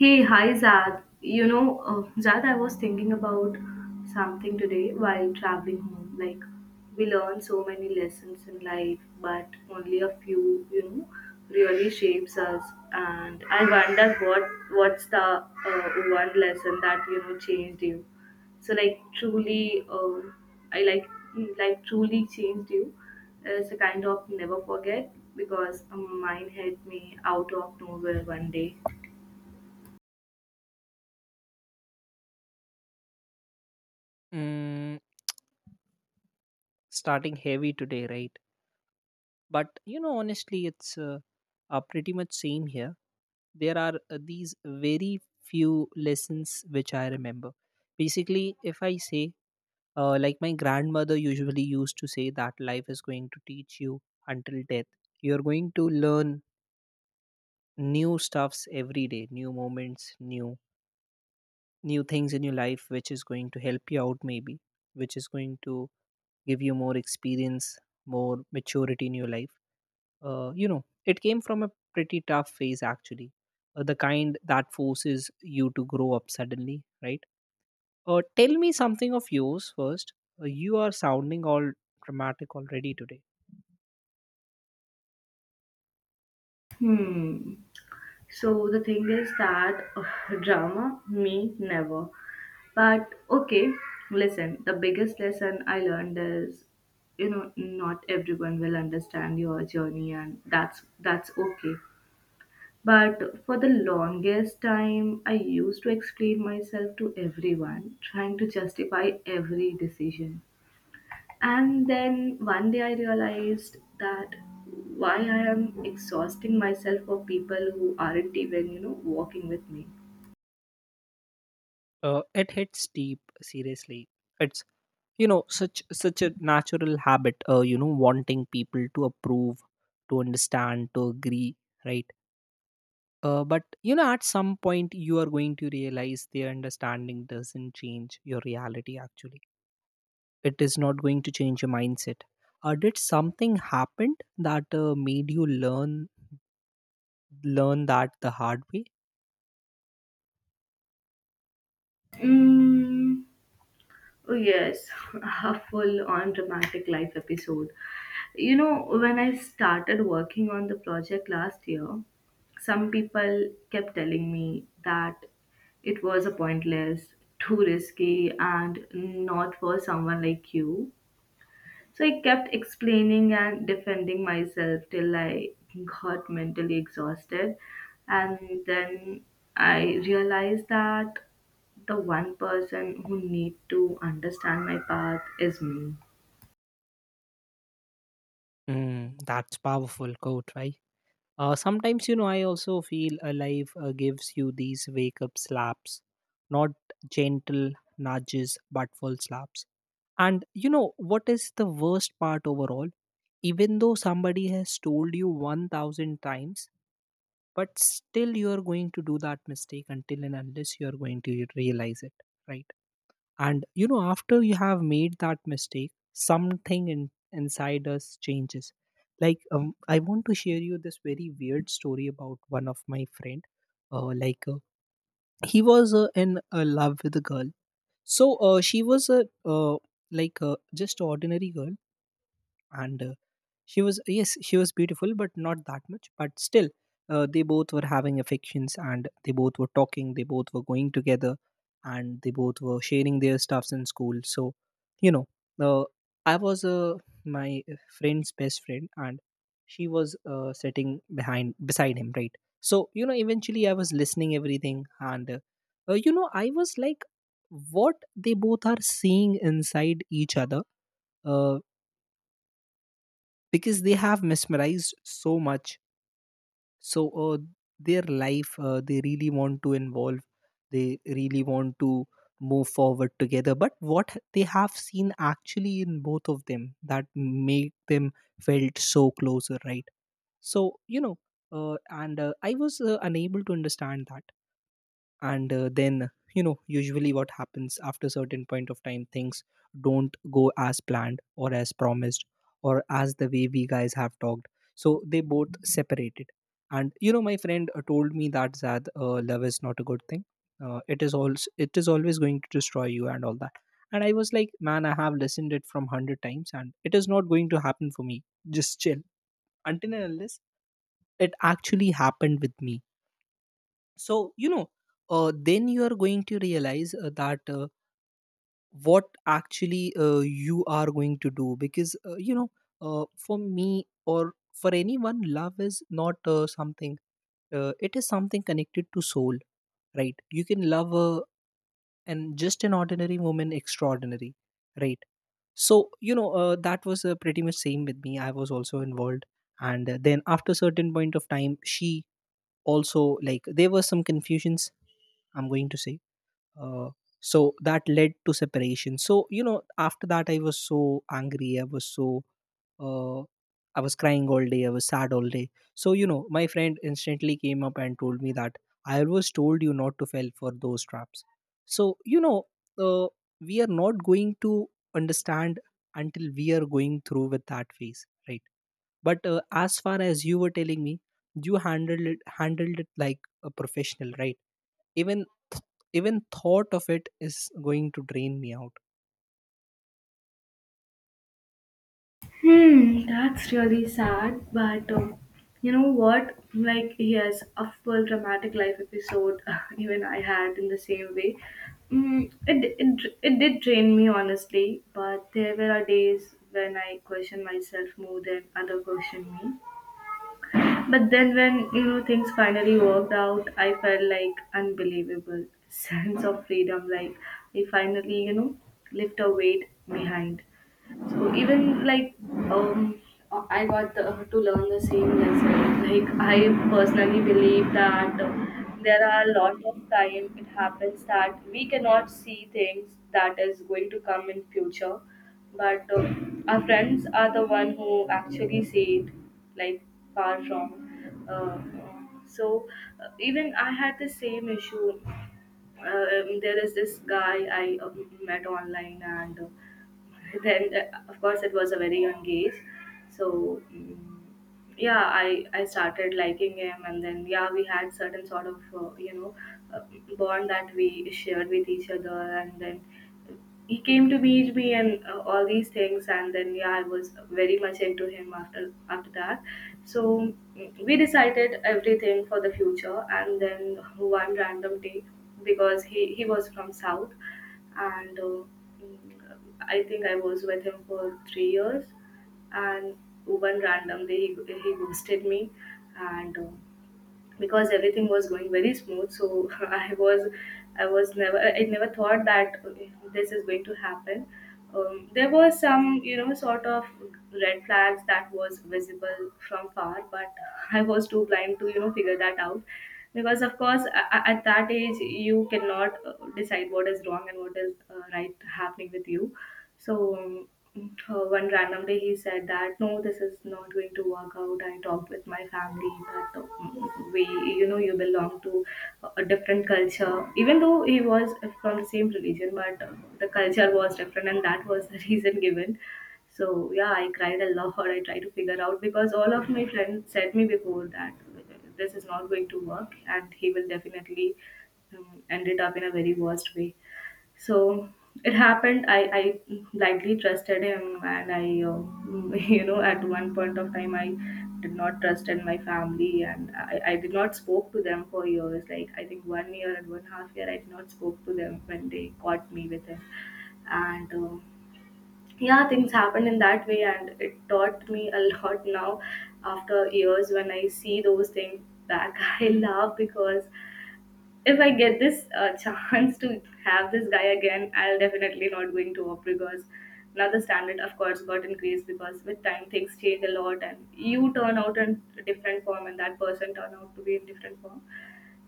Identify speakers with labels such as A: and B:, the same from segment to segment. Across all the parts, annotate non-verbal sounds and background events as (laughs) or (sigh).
A: Hey, hi Zad. Zad, I was thinking about something today while traveling home. Like, we learn so many lessons in life, but only a few, you know, really shapes us. And I wonder what's the one lesson that changed you. So, like, truly, I like mm, like truly changed you. It's a kind of never forget, because mine hit me out of nowhere one day.
B: Mm, Starting heavy today, right? But honestly, it's pretty much same here. There are these very few lessons which I remember. Basically, if I say, like my grandmother usually used to say that life is going to teach you until death. You're going to learn new stuffs every day, new moments, new things in your life, which is going to help you out maybe, which is going to give you more experience, more maturity in your life. It came from a pretty tough phase actually, the kind that forces you to grow up suddenly, right? Tell me something of yours first. You are sounding all dramatic already today.
A: Hmm. So the thing is that drama, me never. But okay, listen, the biggest lesson I learned is not everyone will understand your journey, and that's okay. But for the longest time I used to explain myself to everyone, trying to justify every decision. And then one day I realized that why I am exhausting myself for people who aren't even walking with me.
B: It hits deep, seriously. It's, such a natural habit. Wanting people to approve, to understand, to agree, right? But at some point, you are going to realize their understanding doesn't change your reality actually. It is not going to change your mindset. Did something happen that made you learn that the hard way?
A: Mm, oh yes, (laughs) a full on dramatic life episode. When I started working on the project last year, some people kept telling me that it was a pointless, too risky, and not for someone like you. So I kept explaining and defending myself till I got mentally exhausted. And then I realized that the one person who need to understand my path is me.
B: Mm, that's powerful quote, right? Sometimes I also feel alive, gives you these wake up slaps, not gentle nudges but full slaps. And you know what is the worst part overall? Even though somebody has told you 1,000 times, but still you are going to do that mistake until and unless you are going to realize it, right? And after you have made that mistake, something inside us changes. Like I want to share you this very weird story about one of my friend. uh, like uh, he was in love with a girl. So she was a uh, like uh, just ordinary girl. And she was, yes, she was beautiful, but not that much. But still, they both were having affections, and they both were talking, they both were going together, and they both were sharing their stuffs in school. So, you know, uh, I was my friend's best friend, and she was sitting behind, beside him, right? So, eventually I was listening everything, and, I was like, what they both are seeing inside each other, uh because they have mesmerized so much. So their life, they really want to involve, they really want to move forward together, but what they have seen actually in both of them that made them felt so closer, right? So you know and I was unable to understand that. And then usually what happens after certain point of time, things don't go as planned or as promised, or as the way we guys have talked. So they both separated. And my friend told me that, Zad, love is not a good thing, it is always going to destroy you and all that. And I was like, man, I have listened it from 100 times, and it is not going to happen for me, just chill. Until and unless it actually happened with me. So then you are going to realize, that what actually you are going to do, because for me or for anyone, love is not something, it is something connected to soul, right? You can love a and just an ordinary woman extraordinary, right? So that was pretty much same with me, I was also involved. And then after certain point of time, she also, like, there were some confusions, I'm going to say, uh, so that led to separation. So after that I was so angry, uh, I was crying all day, I was sad all day. So my friend instantly came up and told me that, I always told you not to fall for those traps. So uh, we are not going to understand until we are going through with that phase, right? But as far as you were telling me, you handled it like a professional, right? Even th- even thought of it is going to drain me out.
A: Hmm, that's really sad, but you know what? Like, yes, a full dramatic life episode, (laughs) even I had in the same way. It did drain me, honestly, but there were days when I questioned myself more than other questioned me. But then, when things finally worked out, I felt like unbelievable (laughs) sense of freedom. Like, I finally, left a weight behind. So, even like, um, I got to learn the same lesson. Like, I personally believe that there are a lot of time it happens that we cannot see things that is going to come in future, but our friends are the one who actually see it, like, far from. Uh, so, even I had the same issue. There is this guy I met online, and then of course, it was a very young age. So, yeah, I started liking him, and then, yeah, we had certain sort of uh, bond that we shared with each other. And then he came to meet me, and all these things, and then, yeah, I was very much into him after that. So, we decided everything for the future. And then one random day, because he was from south, and mm, I think I was with him for 3 years, and one random day he ghosted me. And because everything was going very smooth, so (laughs) I never thought that this is going to happen. There were some, sort of red flags that was visible from far, but (laughs) I was too blind to figure that out, because of course at that age you cannot decide what is wrong and what is right happening with you. So, one random day he said that, no, this is not going to work out. I talked with my family that, you belong to a different culture. Even though he was from the same religion, but the culture was different, and that was the (laughs) reason given. So yeah, I cried a lot. I tried to figure out, because all of my friends said me before that this is not going to work, and he will definitely end it up in a very worst way. So it happened. I blindly trusted him, and I uh, (laughs) at one point of time, I did not trust in my family, and I did not spoke to them for years. Like, I think one year and one half year I did not spoke to them when they caught me with him. And yeah, things happened in that way, and it taught me a (laughs) lot. Now, after years, when I see those things back, (laughs) I laugh, because if I get this (laughs) chance to have this guy again, I'll definitely not going to opt, because now the standard, of course, got increased, because with time things change a lot, and you turn out in a different form, and that person turn out to be in different form.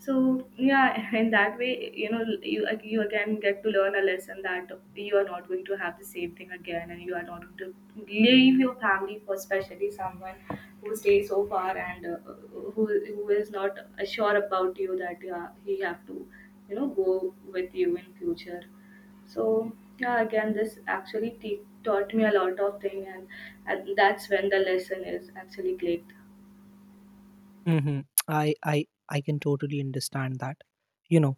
A: So yeah, in that way, you again get to learn a lesson that you are not going to have the same thing again, and you are not going to leave your family for, especially, someone who stays so far, and who, who is not sure about you that, yeah, he have to go with you in future. So yeah, again, this actually taught me a lot of thing, and that's when the lesson is actually clicked.
B: Mm-hmm. i i I can totally understand that. you know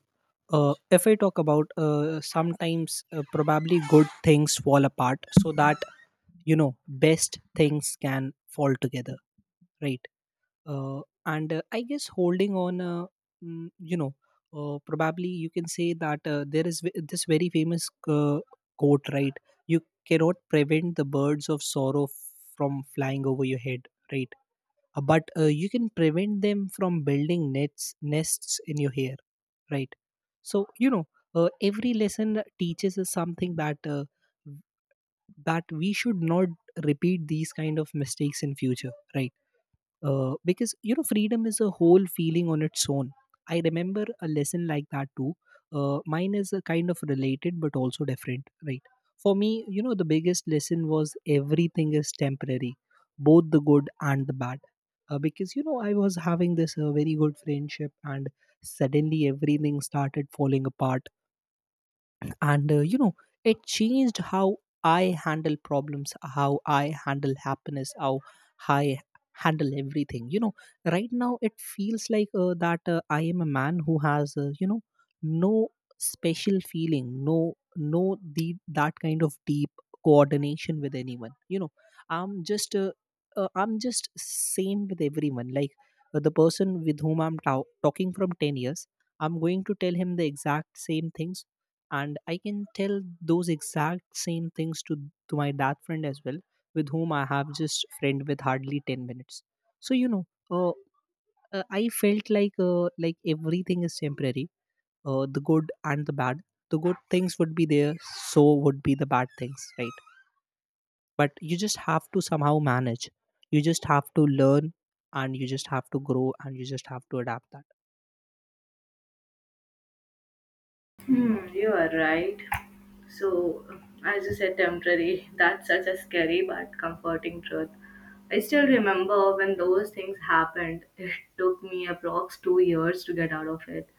B: if I talk about, sometimes, probably good things fall apart so that, you know best things can fall together, right? uh, and I guess holding on, mm, you know probably you can say that, this very famous quote, right? You cannot prevent the birds of sorrow from flying over your head, right. But you can prevent them from building nets nests in your hair, right. So every lesson teaches us something that we should not repeat these kind of mistakes in future, right. Because freedom is a whole feeling on its own. I remember a lesson like that too. Mine is a kind of related but also different, right? For me, the biggest lesson was everything is temporary, both the good and the bad. Because I was having this very good friendship, and suddenly everything started falling apart. And it changed how I handle problems, how I handle happiness, how I handle everything, right now. It feels like that I am a man who has, no special feeling, no, no, the that kind of deep coordination with anyone, i'm just uh, I'm just same with everyone, like, the person with whom I'm talking from 10 years, I'm going to tell him the exact same things. And I can tell those exact same things to my that friend as well, with whom I have just friend with hardly 10 minutes. So I felt like, everything is temporary, the good and the bad. The good things would be there, so would be the bad things, right? But you just have to somehow manage, you just have to learn, and you just have to grow, and you just have to adapt
A: Hmm, you are right. So, as you said, temporary, that's such a scary but comforting truth. I still remember when those things happened. It took me approx 2 years to get out of it.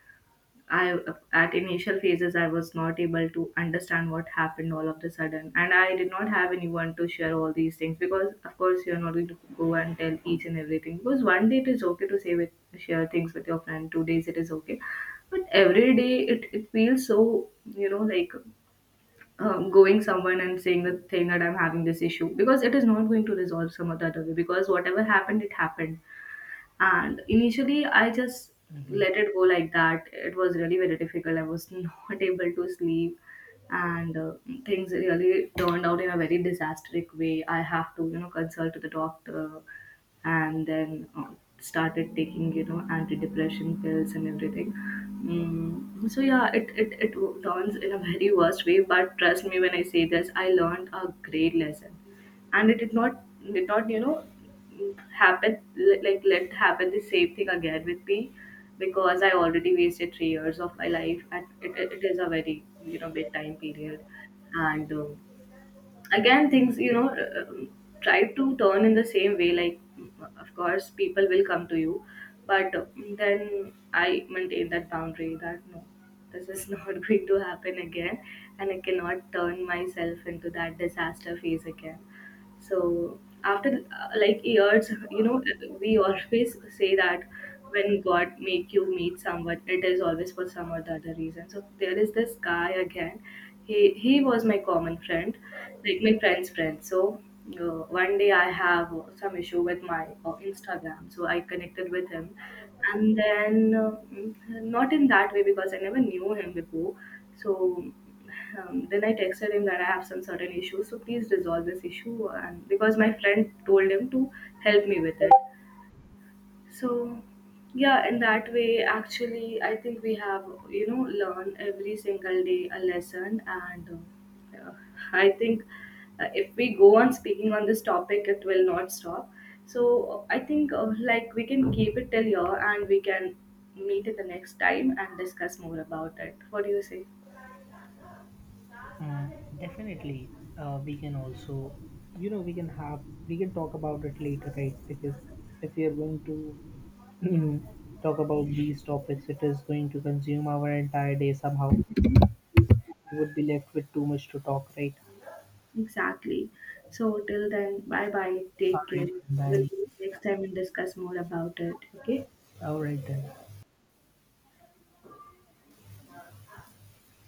A: I At initial phases, I was not able to understand what happened all of the sudden, and I did not have anyone to share all these things, because of course you're not going to go and tell each and everything, because one day it is okay to say with share things with your friend, 2 days it is okay, but every day it feels so, like, going someone and saying the thing that I'm having this issue, because it is not going to resolve some other way, because whatever happened, it happened. And initially, I just
B: that.
A: let it go like that. It was really very difficult. I was (laughs) not able to sleep, and things really turned out in a very disastrous way. I have to consult to the doctor, and then started taking, antidepressant pills and everything. So yeah, it turns in a (laughs) very worst way. But trust me when I say this, I learned a great lesson, and it did not happen, like let happen the same thing again with me, because I already wasted 3 years of my life, and it is a very, big time period. And again, things, um, try to turn in the same way. Like, of course, people will come to you, but then I maintain that boundary that, no, this is (laughs) not going to happen again, and I cannot turn myself into that disaster phase again. So after like, years, we always say that, when God make you meet someone, it is always for some or the other reason. So there is this guy again. He was my common friend, like my friend's friend. So one day I have some issue with my Instagram, so I connected with him. And then, not in that way, because I never knew him before. So, then I texted him that I have some certain issues, so please resolve this issue. And because my friend told him to help me with it, so yeah, in that way, actually, I think we have, learn every single day a lesson, and uh, I think if we go on speaking on this topic, it will not stop. So I think, like, we can keep it till here, and we can meet at the next time and discuss more about it. What do you say?
B: Uh, Definitely, we can also, we can have, we can talk about it later, right? Because if we are going to (clears throat) talk about these topics, it is going to consume our entire day somehow. We would be left with too much to talk, right?
A: Exactly. So till then, bye bye.
B: All
A: Take care.
B: right,
A: We'll
B: bye.
A: next time we'll discuss more about it. Okay.
B: All right, then.